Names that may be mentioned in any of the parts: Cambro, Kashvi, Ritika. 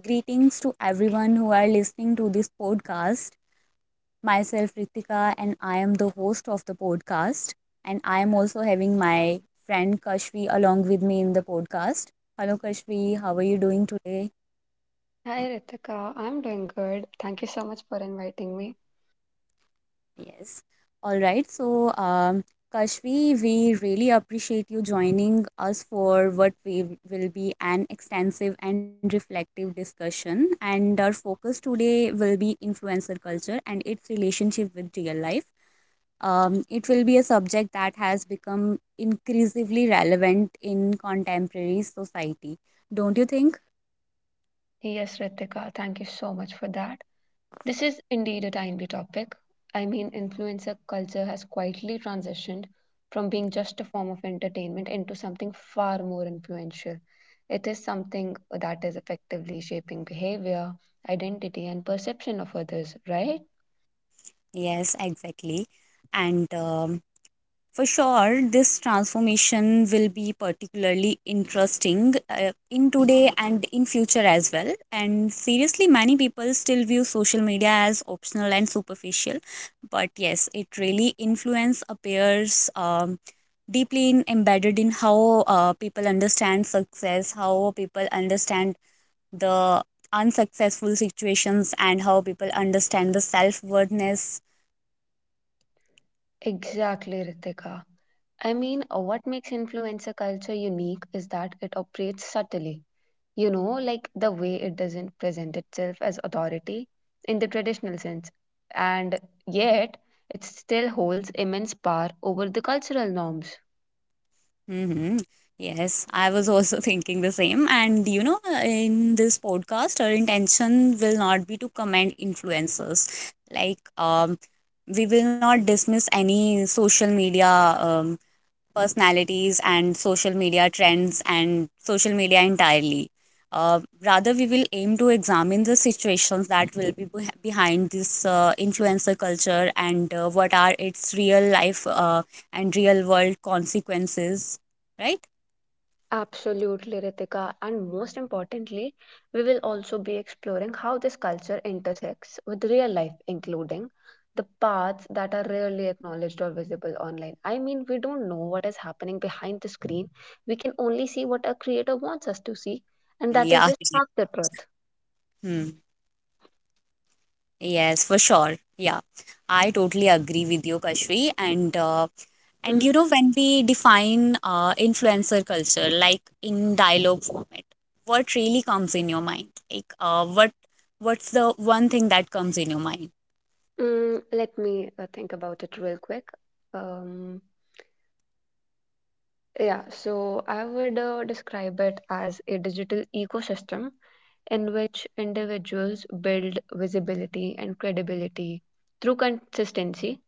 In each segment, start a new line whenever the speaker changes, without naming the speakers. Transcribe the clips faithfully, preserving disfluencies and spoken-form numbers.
Greetings to everyone who are listening to this podcast. Myself, Ritika, and I am the host of the podcast. And I am also having my friend Kashvi along with me in the podcast. Hello, Kashvi. How are you doing today?
Hi Ritika, I'm doing good. Thank you so much for inviting me.
Yes. All right. So, um, Kashvi, we really appreciate you joining us for what we will be an extensive and reflective discussion. And our focus today will be influencer culture and its relationship with real life, um, it will be a subject that has become increasingly relevant in contemporary society. Don't you think?
Yes, Ritika, thank you so much for that. This is indeed a timely topic. I mean, influencer culture has quietly transitioned from being just a form of entertainment into something far more influential. It is something that is effectively shaping behavior, identity, and perception of others, right?
Yes, exactly. And um, For sure, this transformation will be particularly interesting uh, in today and in future as well. And seriously, many people still view social media as optional and superficial, but yes, it really influence appears um, deeply in, embedded in how uh, people understand success, how people understand the unsuccessful situations, and how people understand the self worthness.
Exactly, Ritika. I mean, uh, what makes influencer culture unique is that it operates subtly you know, like the way it doesn't present itself as authority in the traditional sense, and yet it still holds immense power over the cultural norms.
Mm-hmm. Yes, I was also thinking the same. And you know, uh, in this podcast, our intention will not be to commend influencers. Like, um, we will not dismiss any social media um, personalities and social media trends and social media entirely. Uh, rather, we will aim to examine the situations that will be beh- behind this uh, influencer culture and uh, what are its real life uh, and real world consequences, right?
Absolutely, Ritika. And most importantly, we will also be exploring how this culture intersects with real life, including the paths that are rarely acknowledged or visible online. I mean, we don't know what is happening behind the screen. We can only see what a creator wants us to see, and that
Yeah.
is just
Right.
half the truth.
Hmm. Yes, for sure. Yeah. I totally agree with you, Kashri. And uh, And you know, when we define uh, influencer culture, like in dialogue format, what really comes in your mind? Like, uh, what what's the one thing that comes in your mind?
Mm, let me uh, think about it real quick. Um, yeah, so I would uh, describe it as a digital ecosystem in which individuals build visibility and credibility through consistency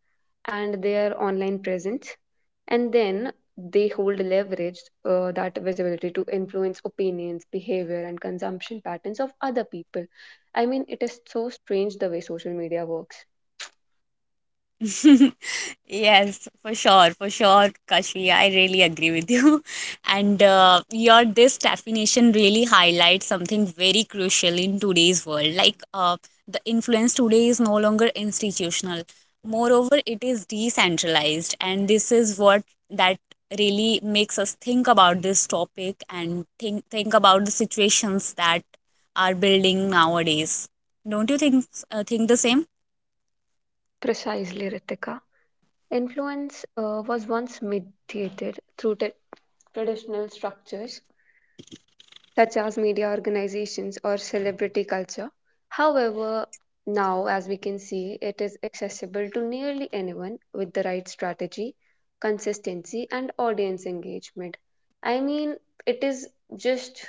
and their online presence. And then they hold leverage uh, that visibility to influence opinions, behavior, and consumption patterns of other people. I mean, it is so strange the way social media works.
Yes, for sure, for sure, Kashmi. I really agree with you. And uh, your this definition really highlights something very crucial in today's world. Like uh, the influence today is no longer institutional. Moreover, it is decentralized, and this is what that really makes us think about this topic and think think about the situations that are building nowadays. Don't you think uh, think the same?
Precisely, Ritika. Influence uh, was once mediated through t- traditional structures such as media organizations or celebrity culture. However, now, as we can see, it is accessible to nearly anyone with the right strategy, consistency, and audience engagement. I mean, it is just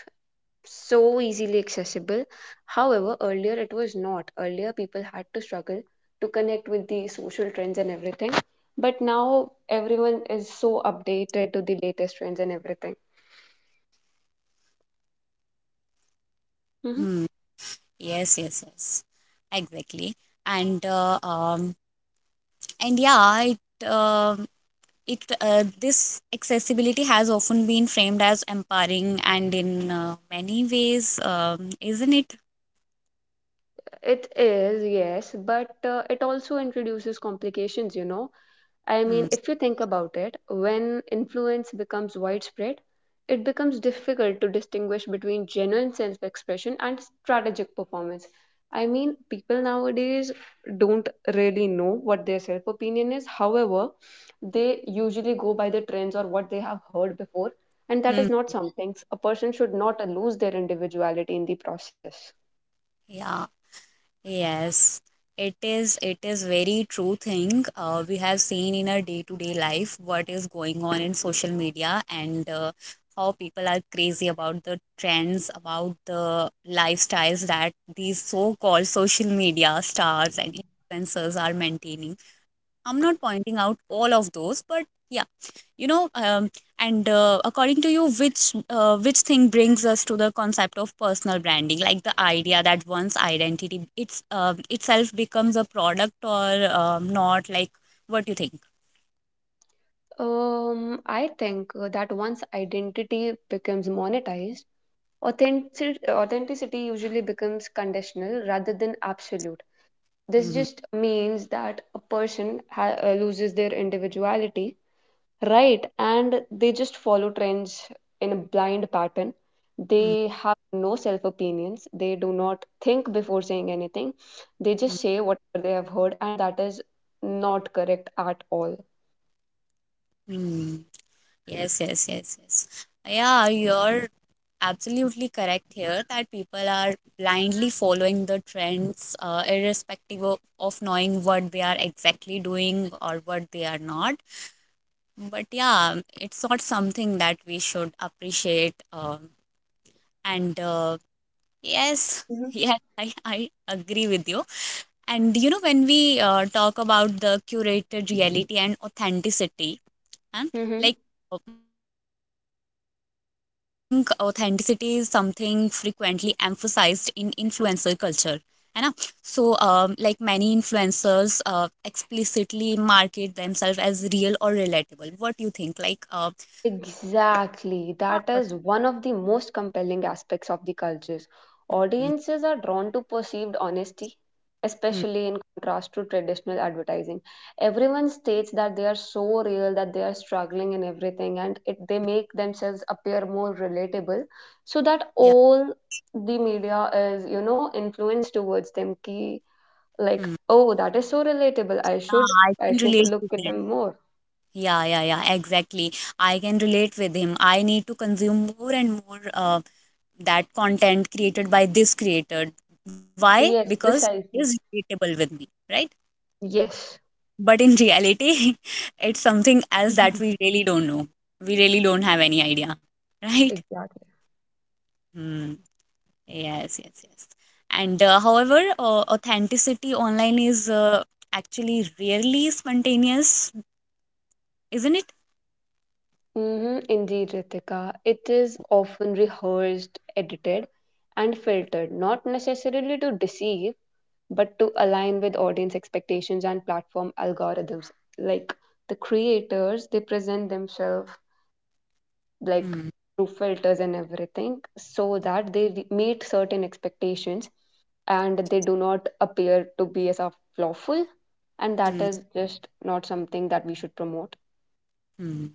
so easily accessible. However, earlier it was not. Earlier, people had to struggle to connect with the social trends and everything. But now everyone is so updated to the latest trends and everything. Mhm.
Hmm. Yes, yes, yes, exactly. And uh, um, and yeah, it um it uh, this accessibility has often been framed as empowering, and in uh, many ways, um, isn't it?
It is, yes, but uh, it also introduces complications, you know. I
Hmm.
mean, if you think about it, when influence becomes widespread, it becomes difficult to distinguish between genuine self expression and strategic performance. I mean, people nowadays don't really know what their self opinion is. However, they usually go by the trends or what they have heard before, and that
Hmm.
is not something a person should not lose their individuality in the process.
Yeah. Yes, it is it is very true thing. Uh, we have seen in our day-to-day life what is going on in social media and uh, how people are crazy about the trends, about the lifestyles that these so-called social media stars and influencers are maintaining. I'm not pointing out all of those, but yeah, you know, um, and uh, according to you, which uh, which thing brings us to the concept of personal branding, like the idea that one's identity it's uh, itself becomes a product, or um, not like, what do you think?
Um, I think uh, that once identity becomes monetized, Authentic authenticity usually becomes conditional rather than absolute. This
Mm-hmm.
just means that a person ha- uh, loses their individuality, right? And they just follow trends in a blind pattern. They have no self opinions. They do not think before saying anything. They just say whatever they have heard, and that is not correct at all.
Mm-hmm. Yes, yes, yes, yes, yeah, you're absolutely correct here that people are blindly following the trends, uh, irrespective of, of knowing what they are exactly doing or what they are not. But yeah, it's not something that we should appreciate. Um, and uh, yes, yes, I, I agree with you. And you know, when we uh, talk about the curated reality and authenticity, and like, uh, what do you think? Like, I think authenticity is something frequently emphasized in influencer culture, है ना? So, um, like many influencers uh, explicitly market themselves as real or relatable. What do you think? like uh,
Exactly. That
Mhm.
is one of the most compelling aspects of the cultures. Audiences are drawn to perceived honesty,
Mhm.
especially in contrast to traditional advertising. Everyone states that they are so real, that they are struggling in everything, and it, they make themselves appear more relatable so
Yeah.
that all the media is, you know, influenced towards them. Ki, like,
Mhm.
oh, that is so relatable. I should,
Yeah, I
I
can
should
relate to
look at
that.
them more.
Yeah, yeah, yeah, exactly. I can relate with him. I need to consume more and more uh, that content created by this creator. Why?
Yes,
Because it is
precisely.
relatable with me, right?
Yes.
But in reality, it's something else that we really don't know. We really don't have any idea, right?
Exactly.
Hmm. Yes, yes, yes. And uh, however, uh, authenticity online is uh, actually rarely spontaneous, isn't it?
hmm Indeed, Ritika. It is often rehearsed, edited, and filtered, not necessarily to deceive, but to align with audience expectations and platform algorithms. Like the creators, they present themselves like
Hmm.
through filters and everything so that they re- meet certain expectations and they do not appear to be as a lawful. And that
Hmm.
is just not something that we should promote.
Hmm.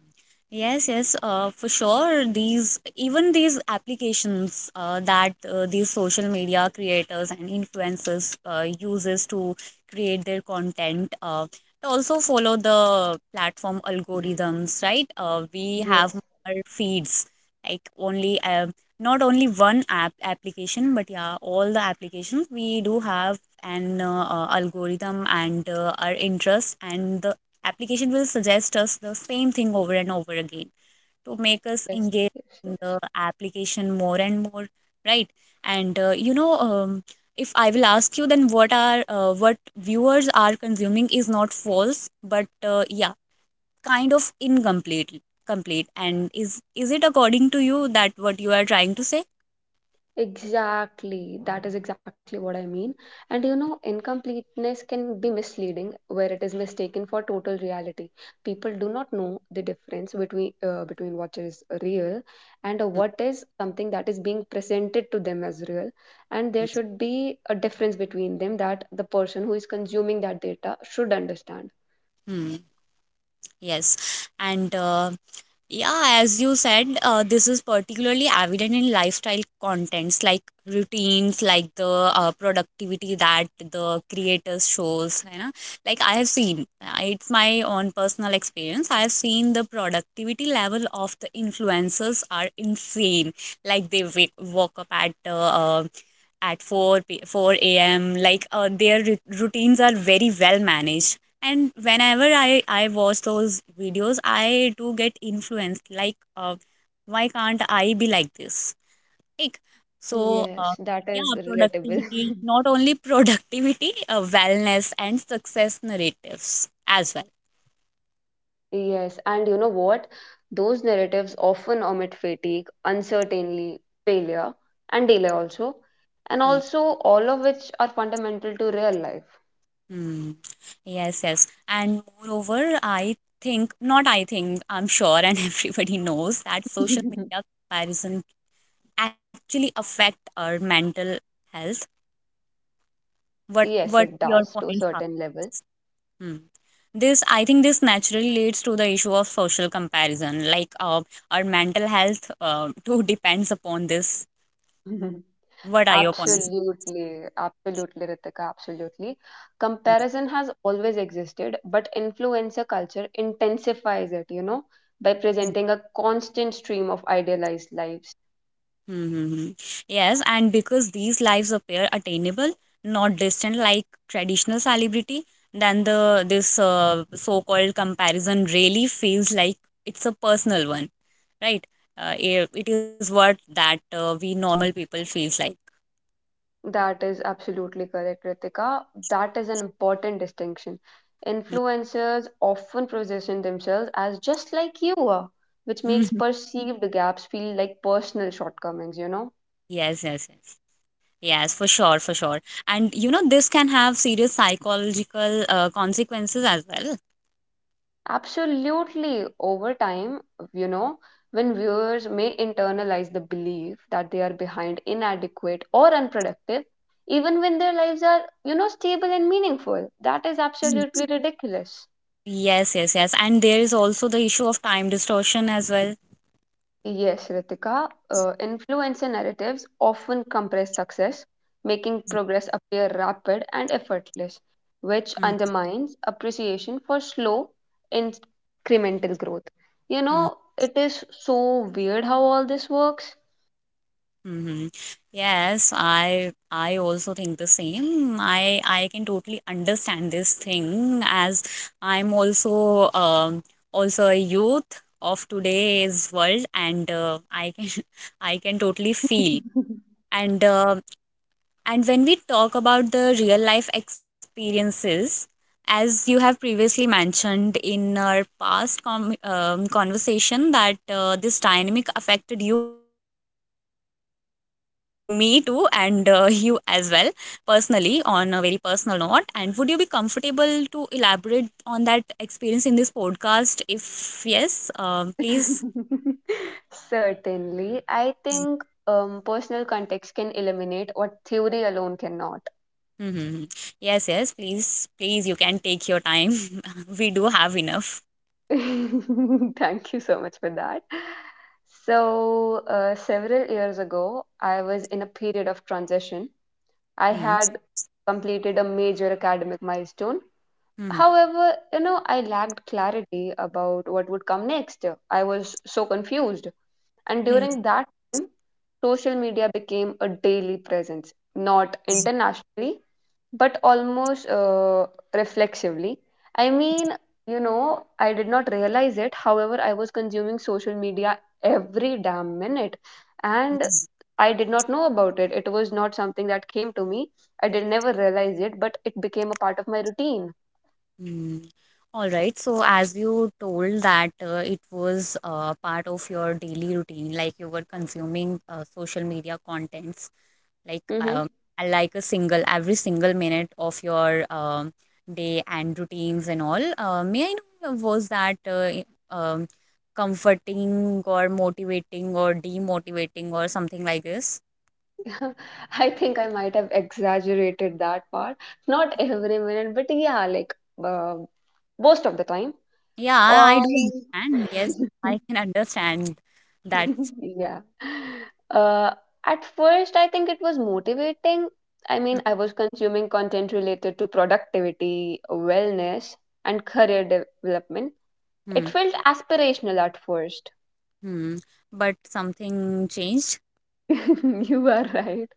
Yes, yes, uh, for sure. These even these applications uh, that uh, these social media creators and influencers uh, uses to create their content uh, also follow the platform algorithms, right? Uh, we
Yes,
have our feeds like only uh, not only one app application, but yeah, all the applications, we do have an uh, uh, algorithm and uh, our interests, and the application will suggest us the same thing over and over again to make us
yes,
engage
yes.
in
Yes.
the application more and more, right? and uh, you know, um, if I will ask you, then what are uh, what viewers are consuming is not false, but uh, yeah, kind of incomplete complete and is is it according to you that what you are trying to say?
Exactly, that is exactly what I mean. And you know, incompleteness can be misleading where it is mistaken for total reality. People do not know the difference between uh, between what is real and what is something that is being presented to them as real. And there should be a difference between them that the person who is consuming that data should understand.
Mhm. Yes, and uh, yeah, as you said, uh, this is particularly evident in lifestyle contents like routines, like the uh, productivity that the creators shows. You know, like I have seen, uh, it's my own personal experience. I have seen the productivity level of the influencers are insane. Like they wake, woke up at uh, uh, at four p- four a m. Like uh, their rut- routines are very well managed, and whenever i i watch those videos, I do get influenced, like uh, why can't I be like this? like so
Yes,
uh,
that is
yeah,
relatable.
productivity, not only productivity, uh, wellness and success narratives as well.
Yes, and you know what? Those narratives often omit fatigue, uncertainty, failure, and delay also, and
Hmm.
also all of which are fundamental to real life.
Hmm. Yes, yes, and moreover, I think not I think I'm sure and everybody knows that social media comparison actually affect our mental health. what
Yes,
what
it
your
does to a
points are?
certain level.
Hmm. This, I think this naturally leads to the issue of social comparison, like uh, our mental health uh, too depends upon this. What are your points?
Absolutely, absolutely, Ritika, absolutely. Comparison has always existed, but influencer culture intensifies it, you know, by presenting a constant stream of idealized lives.
Mm-hmm. Yes, and because these lives appear attainable, not distant like traditional celebrity, then the this uh, so-called comparison really feels like it's a personal one, right? Uh, it, it is what that uh, we normal people feels like.
That is absolutely correct, Ritika. That is an important distinction.
Mm.
Influencers often position themselves as just like you are, which makes perceived gaps feel like personal shortcomings, you know?
Yes, yes, yes. Yes, for sure, for sure. And you know, this can have serious psychological uh, consequences as well.
Absolutely. Over time, you know, when viewers may internalize the belief that they are behind, inadequate, or unproductive, even when their lives are, you know, stable and meaningful, that is absolutely ridiculous.
Yes, yes, yes. And there is also the issue of time distortion as well.
Yes, Ritika, uh, influencer narratives often compress success, making progress appear rapid and effortless, which undermines appreciation for slow, incremental growth. You
Mm-hmm.
know, it is so weird how all this works.
Mm-hmm. Yes, I I also think the same. I I can totally understand this thing as I'm also um also a youth of today's world and uh, I can I can totally feel. and uh, And when we talk about the real life experiences, as you have previously mentioned in our past com- um, conversation, that uh, this dynamic affected you as well, like me too, and uh, you as well, personally, on a very personal note. And would you be comfortable to elaborate on that experience in this podcast? If yes, um, please.
Certainly, I think um, personal context can eliminate what theory alone cannot.
Hmm. Yes, yes, please, please, you can take your time. We do have enough.
Thank you so much for that. So, uh, several years ago, I was in a period of transition. I
Hmm.
had completed a major academic milestone.
Hmm.
However, you know, I lacked clarity about what would come next. I was so confused. And
Hmm.
during that time, social media became a daily presence, not internationally, but almost uh, reflexively. I mean, you know, I did not realize it. However, I was consuming social media every damn minute. And I did not know about it. It was not something that came to me. I did never realize it, but it became a part of my routine.
All right. So, as you told that uh, it was uh, part of your daily routine, like you were consuming uh, social media contents, like
Mm-hmm.
um, uh, like a single every single minute of your um, day and routines and all. Uh, may I know uh, was that uh, i- um, comforting or motivating or demotivating or something like this?
I think I might have exaggerated that part. Not every minute, but yeah, like uh, most of the time.
Yeah, I I do
Um,
understand. Yes, I can understand that.
yeah. Uh, at first, I think it was motivating. I mean, I was consuming content related to productivity, wellness, and career development. It
Mm-hmm.
felt aspirational at first.
Hmm. But something changed.
You are right.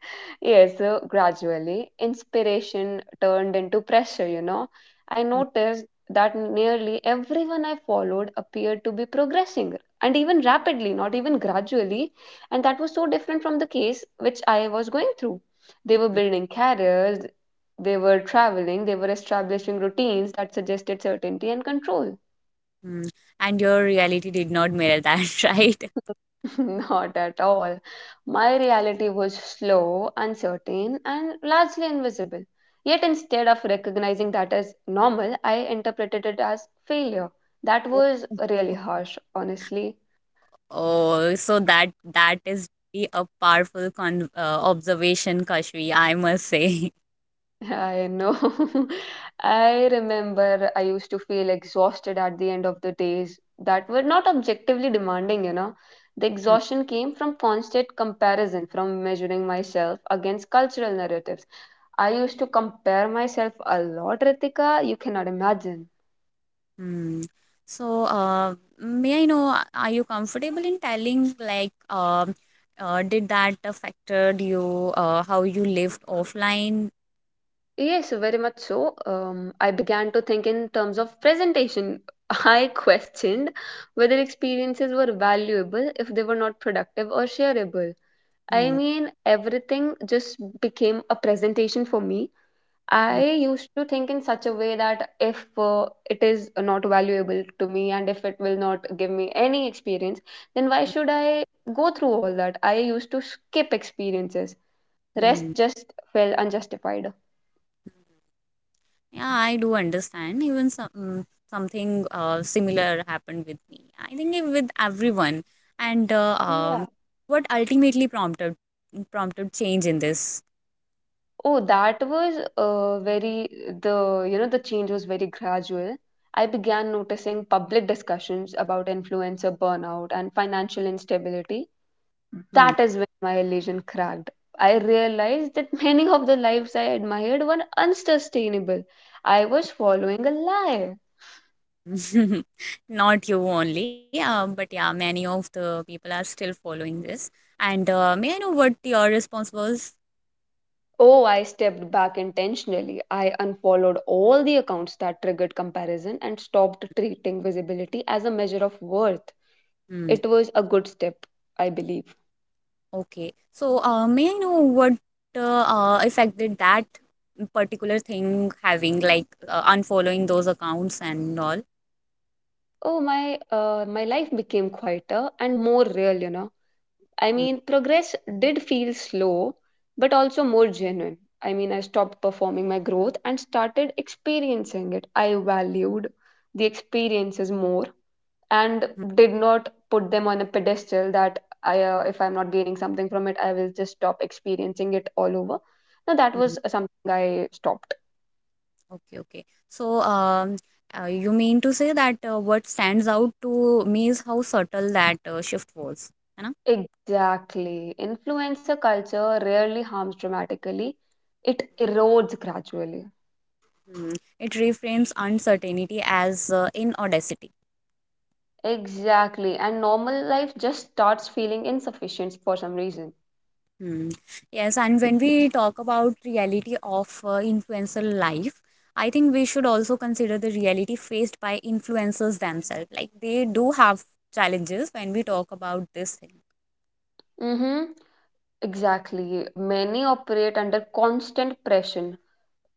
Yes, so gradually, inspiration turned into pressure, you know. I
Hmm.
noticed that nearly everyone I followed appeared to be progressing and even rapidly, not even gradually. And that was so different from the case which I was going through. They were building careers, they were traveling, they were establishing routines that suggested certainty and control.
Hmm. And your reality did not mirror that, right?
Not at all. My reality was slow, uncertain, and largely invisible. Yet instead of recognizing that as normal, I interpreted it as failure. That was really harsh, honestly.
Oh, so that that is really a powerful con uh, observation, Kashvi, I must say.
I know. I remember I used to feel exhausted at the end of the days that were not objectively demanding, you know. The exhaustion came from constant comparison, from measuring myself against cultural narratives. I used to compare myself a lot, Ritika. You cannot imagine.
Hmm. So, uh, may I know, a- are you comfortable in telling, like, um, uh, did that affected you, uh, how you lived offline?
Yes, very much so. Um, I began to think in terms of presentation. I questioned whether experiences were valuable if they were not productive or shareable. I
Hmm.
mean, everything just became a presentation for me. I
Hmm.
used to think in such a way that if uh, it is not valuable to me and if it will not give me any experience, then why
Hmm.
should I go through all that? I used to skip experiences. Rest
Hmm.
just felt unjustified.
Yeah, I do understand. Even some mm, something uh, similar happened with me. I think it- with everyone. And uh,
Yeah.
um, what ultimately prompted prompted change in this?
Oh, that was uh, very the you know the change was very gradual. I began noticing public discussions about influencer burnout and financial instability.
Hmm.
That is when my illusion cracked. I realized that many of the lives I admired were unsustainable. I was following a lie.
Not you only, uh, but yeah, many of the people are still following this. And uh, may I know what your response was?
Oh, I stepped back intentionally. I unfollowed all the accounts that triggered comparison and stopped treating visibility as a measure of worth.
Hmm.
It was a good step, I believe.
Okay. So uh, may I know what uh, uh, affected that particular thing, having like uh, unfollowing those accounts and all?
Oh, my uh, my life became quieter and more real, you know. I
Hmm.
mean, progress did feel slow, but also more genuine. I mean, I stopped performing my growth and started experiencing it. I valued the experiences more and did not put them on a pedestal that I, uh, if I'm not gaining something from it, I will just stop experiencing it all over. Now, that
Mhm.
was something I stopped.
Okay, okay. So, um, uh, you mean to say that uh, what stands out to me is how subtle that uh, shift was, है ना?
Exactly. Influencer culture rarely harms dramatically, it erodes gradually.
Hmm. It reframes uncertainty as uh, in
Exactly. And normal life just starts feeling insufficient for some reason.
Hmm. Yes, and when we talk about reality of uh, influencer life, I think we should also consider the reality faced by influencers themselves. Like they do have challenges when we talk about this thing.
Mm-hmm. Exactly. Many operate under constant pressure,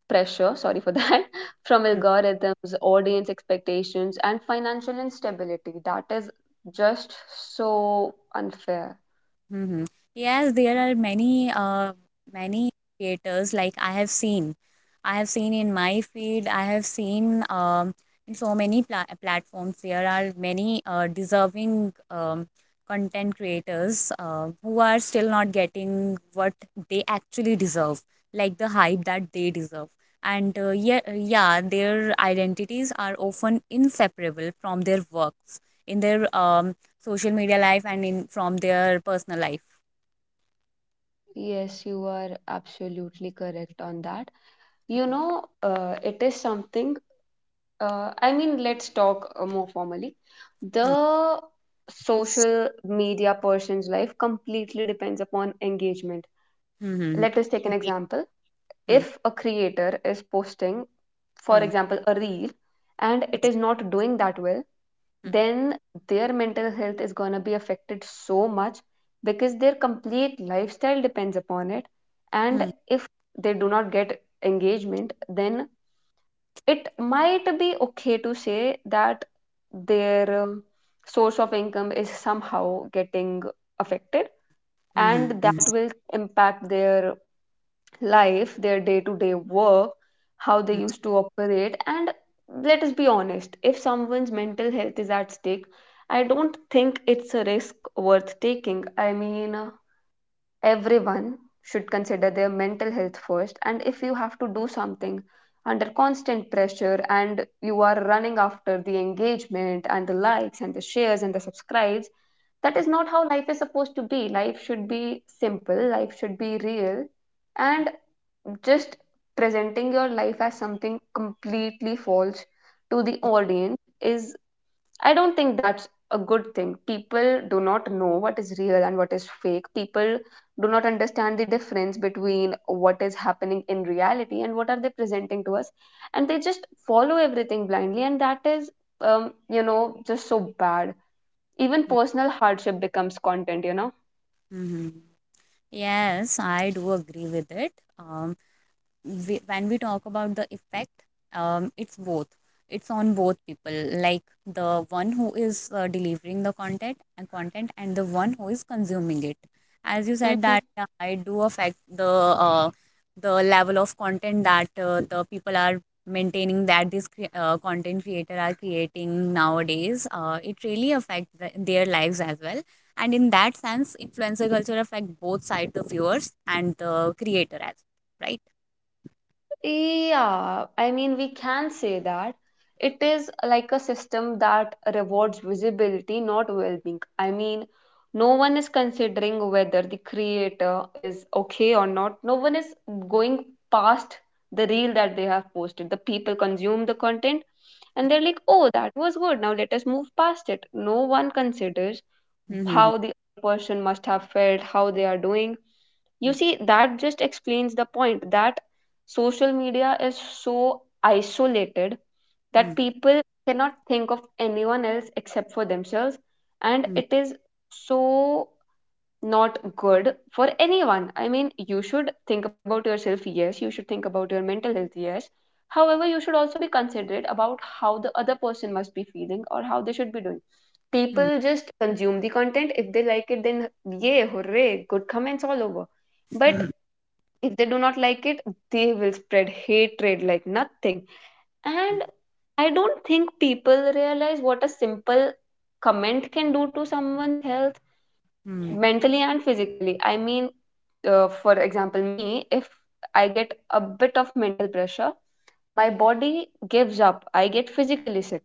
pressure, sorry for that, from algorithms, audience expectations, and financial instability. That is just so unfair.
Mhm. Yes, there are many uh, many creators like I have seen. I have seen in my feed, I have seen um, in so many pla platforms there are many uh, deserving um, content creators uh, who are still not getting what they actually deserve, like the hype that they deserve. And uh, yeah, yeah, their identities are often inseparable from their works in their um, social media life and in from their personal life.
Yes, you are absolutely correct on that. You know, uh, it is something uh, I mean, let's talk uh, more formally.
Hmm.
The social media person's life completely depends upon engagement.
Hmm. Hmm.
Let us take an example.
Hmm.
If a creator is posting, for
Hmm.
example, a reel and it is not doing that well,
Hmm.
then their mental health is going to be affected so much because their complete lifestyle depends upon it. And
Hmm.
if they do not get engagement, then it might be okay to say that their um, source of income is somehow getting affected, and that will impact their life, their day to day work, how they
Hmm.
used to operate. And let us be honest, if someone's mental health is at stake, I don't think it's a risk worth taking. i mean uh, Everyone should consider their mental health first. And if you have to do something under constant pressure and you are running after the engagement and the likes and the shares and the subscribes, that
Hmm.
is not how life is supposed to be. Life should be simple, life should be real, and just presenting your life as something completely false to the audience is, I don't think that's a good thing. People do not know what is real and what is fake. People do not understand the difference between what is happening in reality and what are they presenting to us. And they just follow everything blindly. And that is, um, you know, just so bad. Even personal hardship becomes content, you know?
Hmm. Yes, I do agree with it. Um, we, when we talk about the effect um, it's both it's on both people like the one who is uh, delivering the content and content and the one who is consuming it. As you said
Mm-hmm.
that uh, I do affect the uh, the level of content that uh, the people are maintaining, that this cre- uh, content creator are creating nowadays. uh, it really affects the, their lives as well. And in that sense, influencer culture affect both sides, the viewers and the creator as well, right?
Yeah, I mean, we can say that it is like a system that rewards visibility, not well being. I mean, no one is considering whether the creator is okay or not. No one is going past the reel that they have posted. The people consume the content and they're like, oh, that was good. Now let us move past it. No one considers
Mhm,
how the person must have felt, how they are doing. You see, that just explains the point that social media is so isolated
mhm,
that people cannot think of anyone else except for themselves, and
mhm,
it is so not good for anyone. I mean, you should think about yourself, yes, you should think about your mental health, yes. However, you should also be considerate about how the other person must be feeling or how they should be doing.
mhm,
People just consume the content. If they like it, then yay, hooray, good comments all over.
mhm,
But if they do not like it, they will spread hatred like nothing.
mhm,
And I don't think people realize what a simple comment can do to someone's health
mhm,
mentally and physically. I mean, uh, for example, me, if I get a bit of mental pressure, my body gives up. I get physically sick.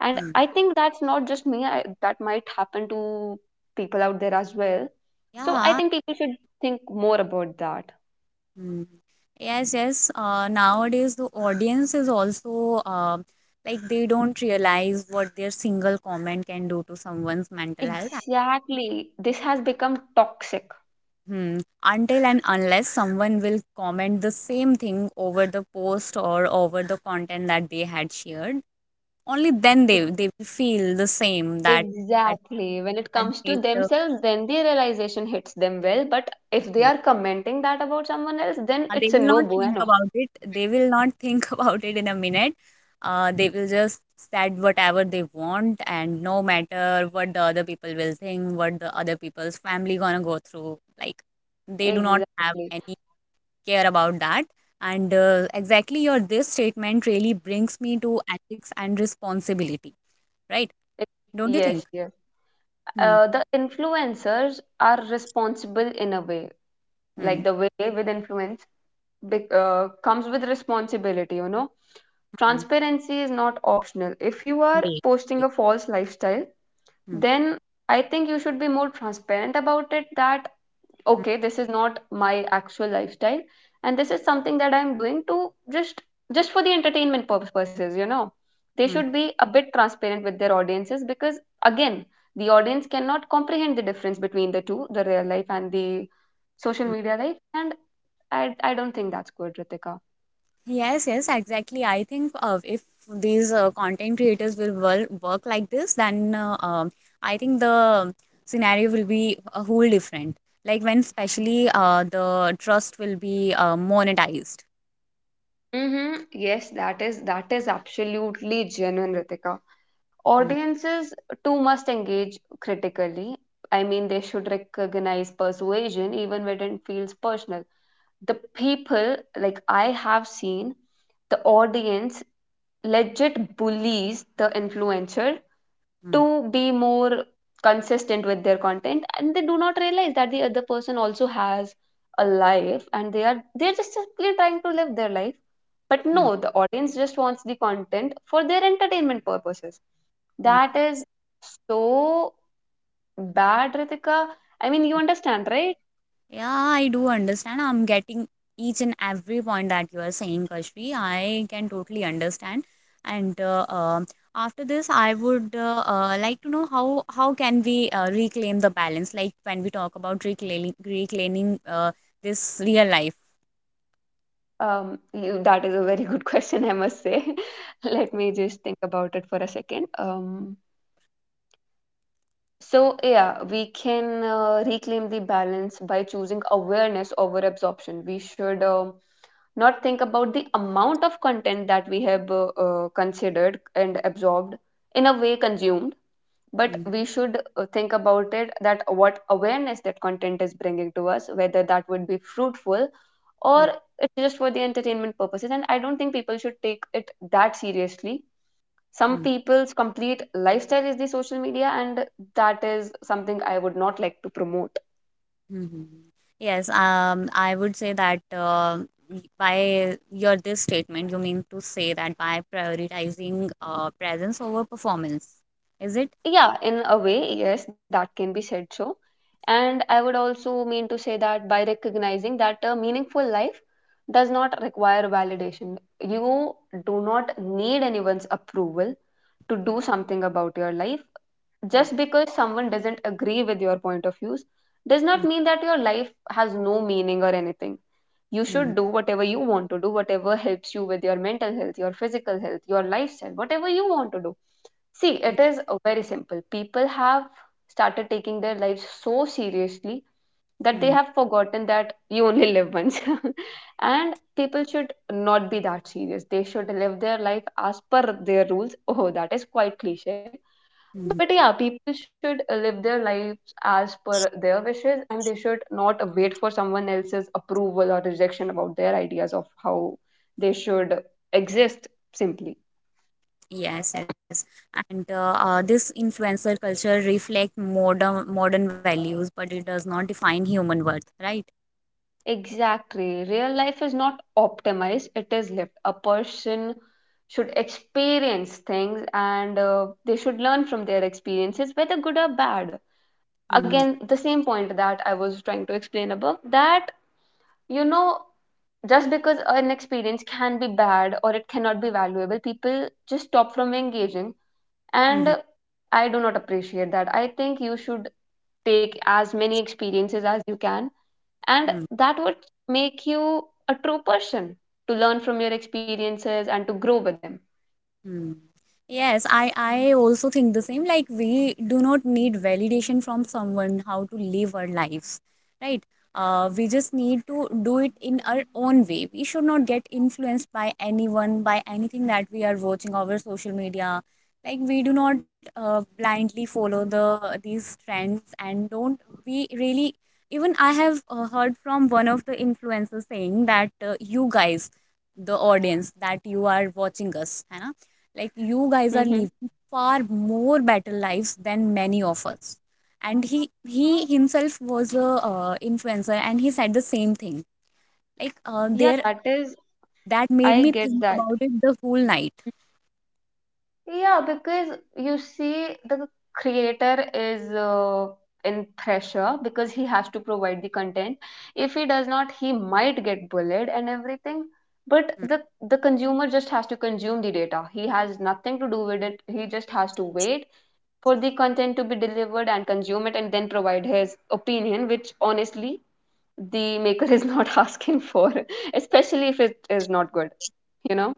And
mhm.
I think that's not just me, I, that might happen to people out there as well. So I
Yeah.
think people should think more about that.
Mhm. Yes, yes. Uh, nowadays, the audience is also uh, like they don't realize what their single comment can do to someone's mental health.
Exactly. This has become toxic.
Hmm. Until and unless someone will comment the same thing over the post or over the content that they had shared, only then they they will feel the same that had
Exactly. When it
had
comes to
made the.
themselves, then the realization hits them well. But if they are commenting that about someone else, then
Uh, they
it's a
will
no
not think
bueno.
about it. They will not think about it in a minute. Uh, they will just said whatever they want, and no matter what the other people will think, what the other people's family gonna go through, like they do not have
Exactly.
any care about that. And uh, exactly your this statement really brings me to ethics and responsibility, right?
It-
Don't you think?
yes, yes.
Hmm.
Uh, the influencers are responsible in a way. Like
Hmm.
the way with influence bec- uh, comes with responsibility, you know.
Hmm.
Transparency is not optional. If you are
Indeed.
posting a false lifestyle,
Hmm.
then I think you should be more transparent about it, that,
Hmm.
okay, this is not my actual lifestyle and this is something that I'm doing to just just for the entertainment purposes, you know. They
Hmm. Hmm.
should be a bit transparent with their audiences because, again, the audience cannot comprehend the difference between the two, the real life and the social
Hmm.
media life. And I I don't think that's good, Ritika.
Yes, yes, exactly. I think uh, if these uh, content creators will wor- work like this, then uh, um, I think the scenario will be a whole different. Like when especially uh, the trust will be uh, monetized.
Mm-hmm. Yes, that is that is absolutely genuine, Ritika.
Mm,
Audiences too must engage critically. I mean, they should recognize persuasion even when it feels personal. The people, like I have seen, the audience legit bullies the influencer
mm,
to be more consistent with their content, and they do not realize that the other person also has a life and they are they're just simply trying to live their life. But
mm,
no, the audience just wants the content for their entertainment purposes.
mm.
That is so bad, Ritika. I mean, you understand, right?
Yeah, I do understand. I'm getting each and every point that you are saying, Kashvi. I can totally understand. And uh, uh, after this, I would uh, uh, like to know how how can we uh, reclaim the balance? Like when we talk about reclaiming reclaiming uh, this real life.
Um you, that is a very good question, I must say. Let me just think about it for a second um So, yeah, we can uh, reclaim the balance by choosing awareness over absorption. We should um not think about the amount of content that we have uh, uh, considered and absorbed, in a way, consumed, but
Mhm,
we should uh, think about it, that what awareness that content is bringing to us, whether that would be fruitful or it's just for the entertainment purposes. And I don't think people should take it that seriously. Some
mhm,
people's complete lifestyle is the social media, and that is something I would not like to promote.
mhm, mhm. Yes, um, I would say that uh, by your this statement, you mean to say that by prioritizing uh, presence over performance, is it?
Yeah, in a way, yes, that can be said so. And I would also mean to say that by recognizing that a meaningful life does not require validation, you do not need anyone's approval to do something about your life.
Hmm,
Just because someone doesn't agree with your point of views does not
hmm.
mean that your life has no meaning or anything. You should
Hmm,
do whatever you want to do, whatever helps you with your mental health, your physical health, your lifestyle, whatever you want to do. See, it
hmm,
is uh, very simple. People have started taking their lives so seriously that they
hmm,
have forgotten that you only live once. And people should not be that serious. They should live their life as per their rules. Oh, that is quite cliche. But yeah,
mhm.
people should uh, live their lives as per their wishes, and they should not wait for someone else's approval or rejection about their ideas of how they should exist, simply.
Yes, yes, and uh, uh, this influencer culture reflects modern modern values, but it does not define human worth, right?
Exactly. Real life is not optimized, it is lived. A person should experience things, and uh, they should learn from their experiences, whether good or bad.
Hmm.
Again, the same point that I was trying to explain above, that, you know, just because an experience can be bad or it cannot be valuable, people just stop from engaging. And
Hmm. Hmm,
I do not appreciate that. I think you should take as many experiences as you can, and
hmm.
that would make you a true person, to learn from your experiences and to grow with them.
Hmm. Yes, I, I also think the same. Like, we do not need validation from someone how to live our lives, right? Uh, we just need to do it in our own way. We should not get influenced by anyone, by anything that we are watching over social media. Like, we do not uh, blindly follow the these trends and don't we really. Even I have uh, heard from one of the influencers saying that uh, you guys, the audience, that you are watching us, है ना? Like you guys are
Hmm.
living far more better lives than many of us. And he he himself was a uh, influencer and he said the same thing. Like uh,
Yeah,
there,
that is
that made
I
me
get
think
that.
about it the whole night.
Yeah, because, you see, the creator is uh, in pressure because he has to provide the content. If he does not, he might get bullied and everything. But the the consumer just has to consume the data. He has nothing to do with it. He just has to wait for the content to be delivered and consume it and then provide his opinion, which, honestly, the maker is not asking for, especially if it is not good, you know?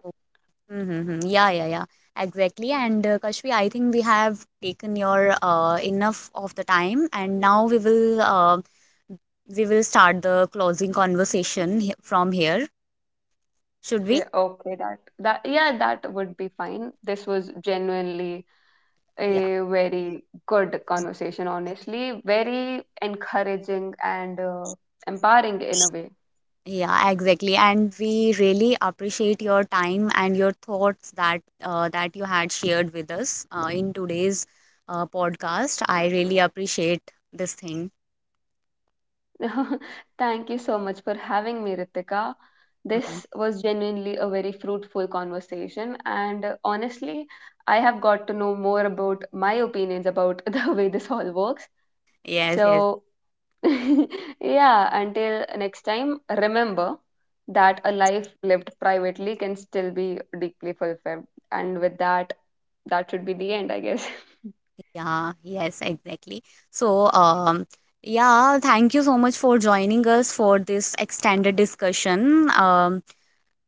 Mm-hmm. Yeah, yeah, yeah. Exactly. And uh, Kashvi, I think we have taken your uh, enough of the time, and now we will uh, we will start the closing conversation he- from here. Should
Yeah,
we?
okay, that that yeah, that would be fine. This was genuinely
Yeah.
a very good conversation, honestly, very encouraging and uh, empowering in a way.
Yeah, exactly. And we really appreciate your time and your thoughts that uh, that you had shared with us uh, in today's uh, podcast. I really appreciate this thing.
Thank you so much for having me, Ritika.
Mhm.
This was genuinely a very fruitful conversation, and uh, honestly, I have got to know more about my opinions about the way this all works.
Yes, yes.
So yeah, until next time, remember that a life lived privately can still be deeply fulfilled. And with that, that should be the end, I guess.
Yeah, yes, exactly. So, um, yeah, thank you so much for joining us for this extended discussion. Um,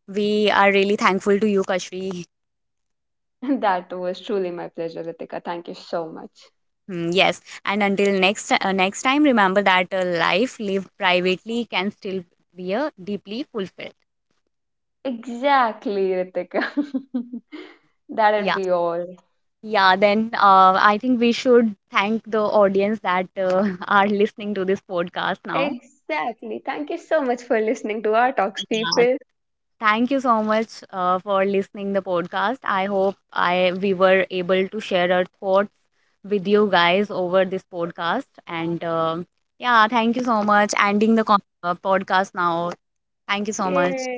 we are really thankful to you, Kashvi.
That was truly my pleasure, Ritika. Thank you so much.
Mm, yes, and until next uh, next time, remember that a life lived privately can still be a deeply fulfilled.
Exactly, Ritika. That'd
Yeah,
be all.
yeah. Then uh, I think we should thank the audience that uh, are listening to this podcast now.
Exactly. Thank you so much for listening to our talks,
Yeah,
people.
thank you so much uh, for listening the podcast. I hope I we were able to share our thoughts with you guys over this podcast. And uh, yeah, thank you so much. Ending the con- uh, podcast now. Thank you so much.
Yay.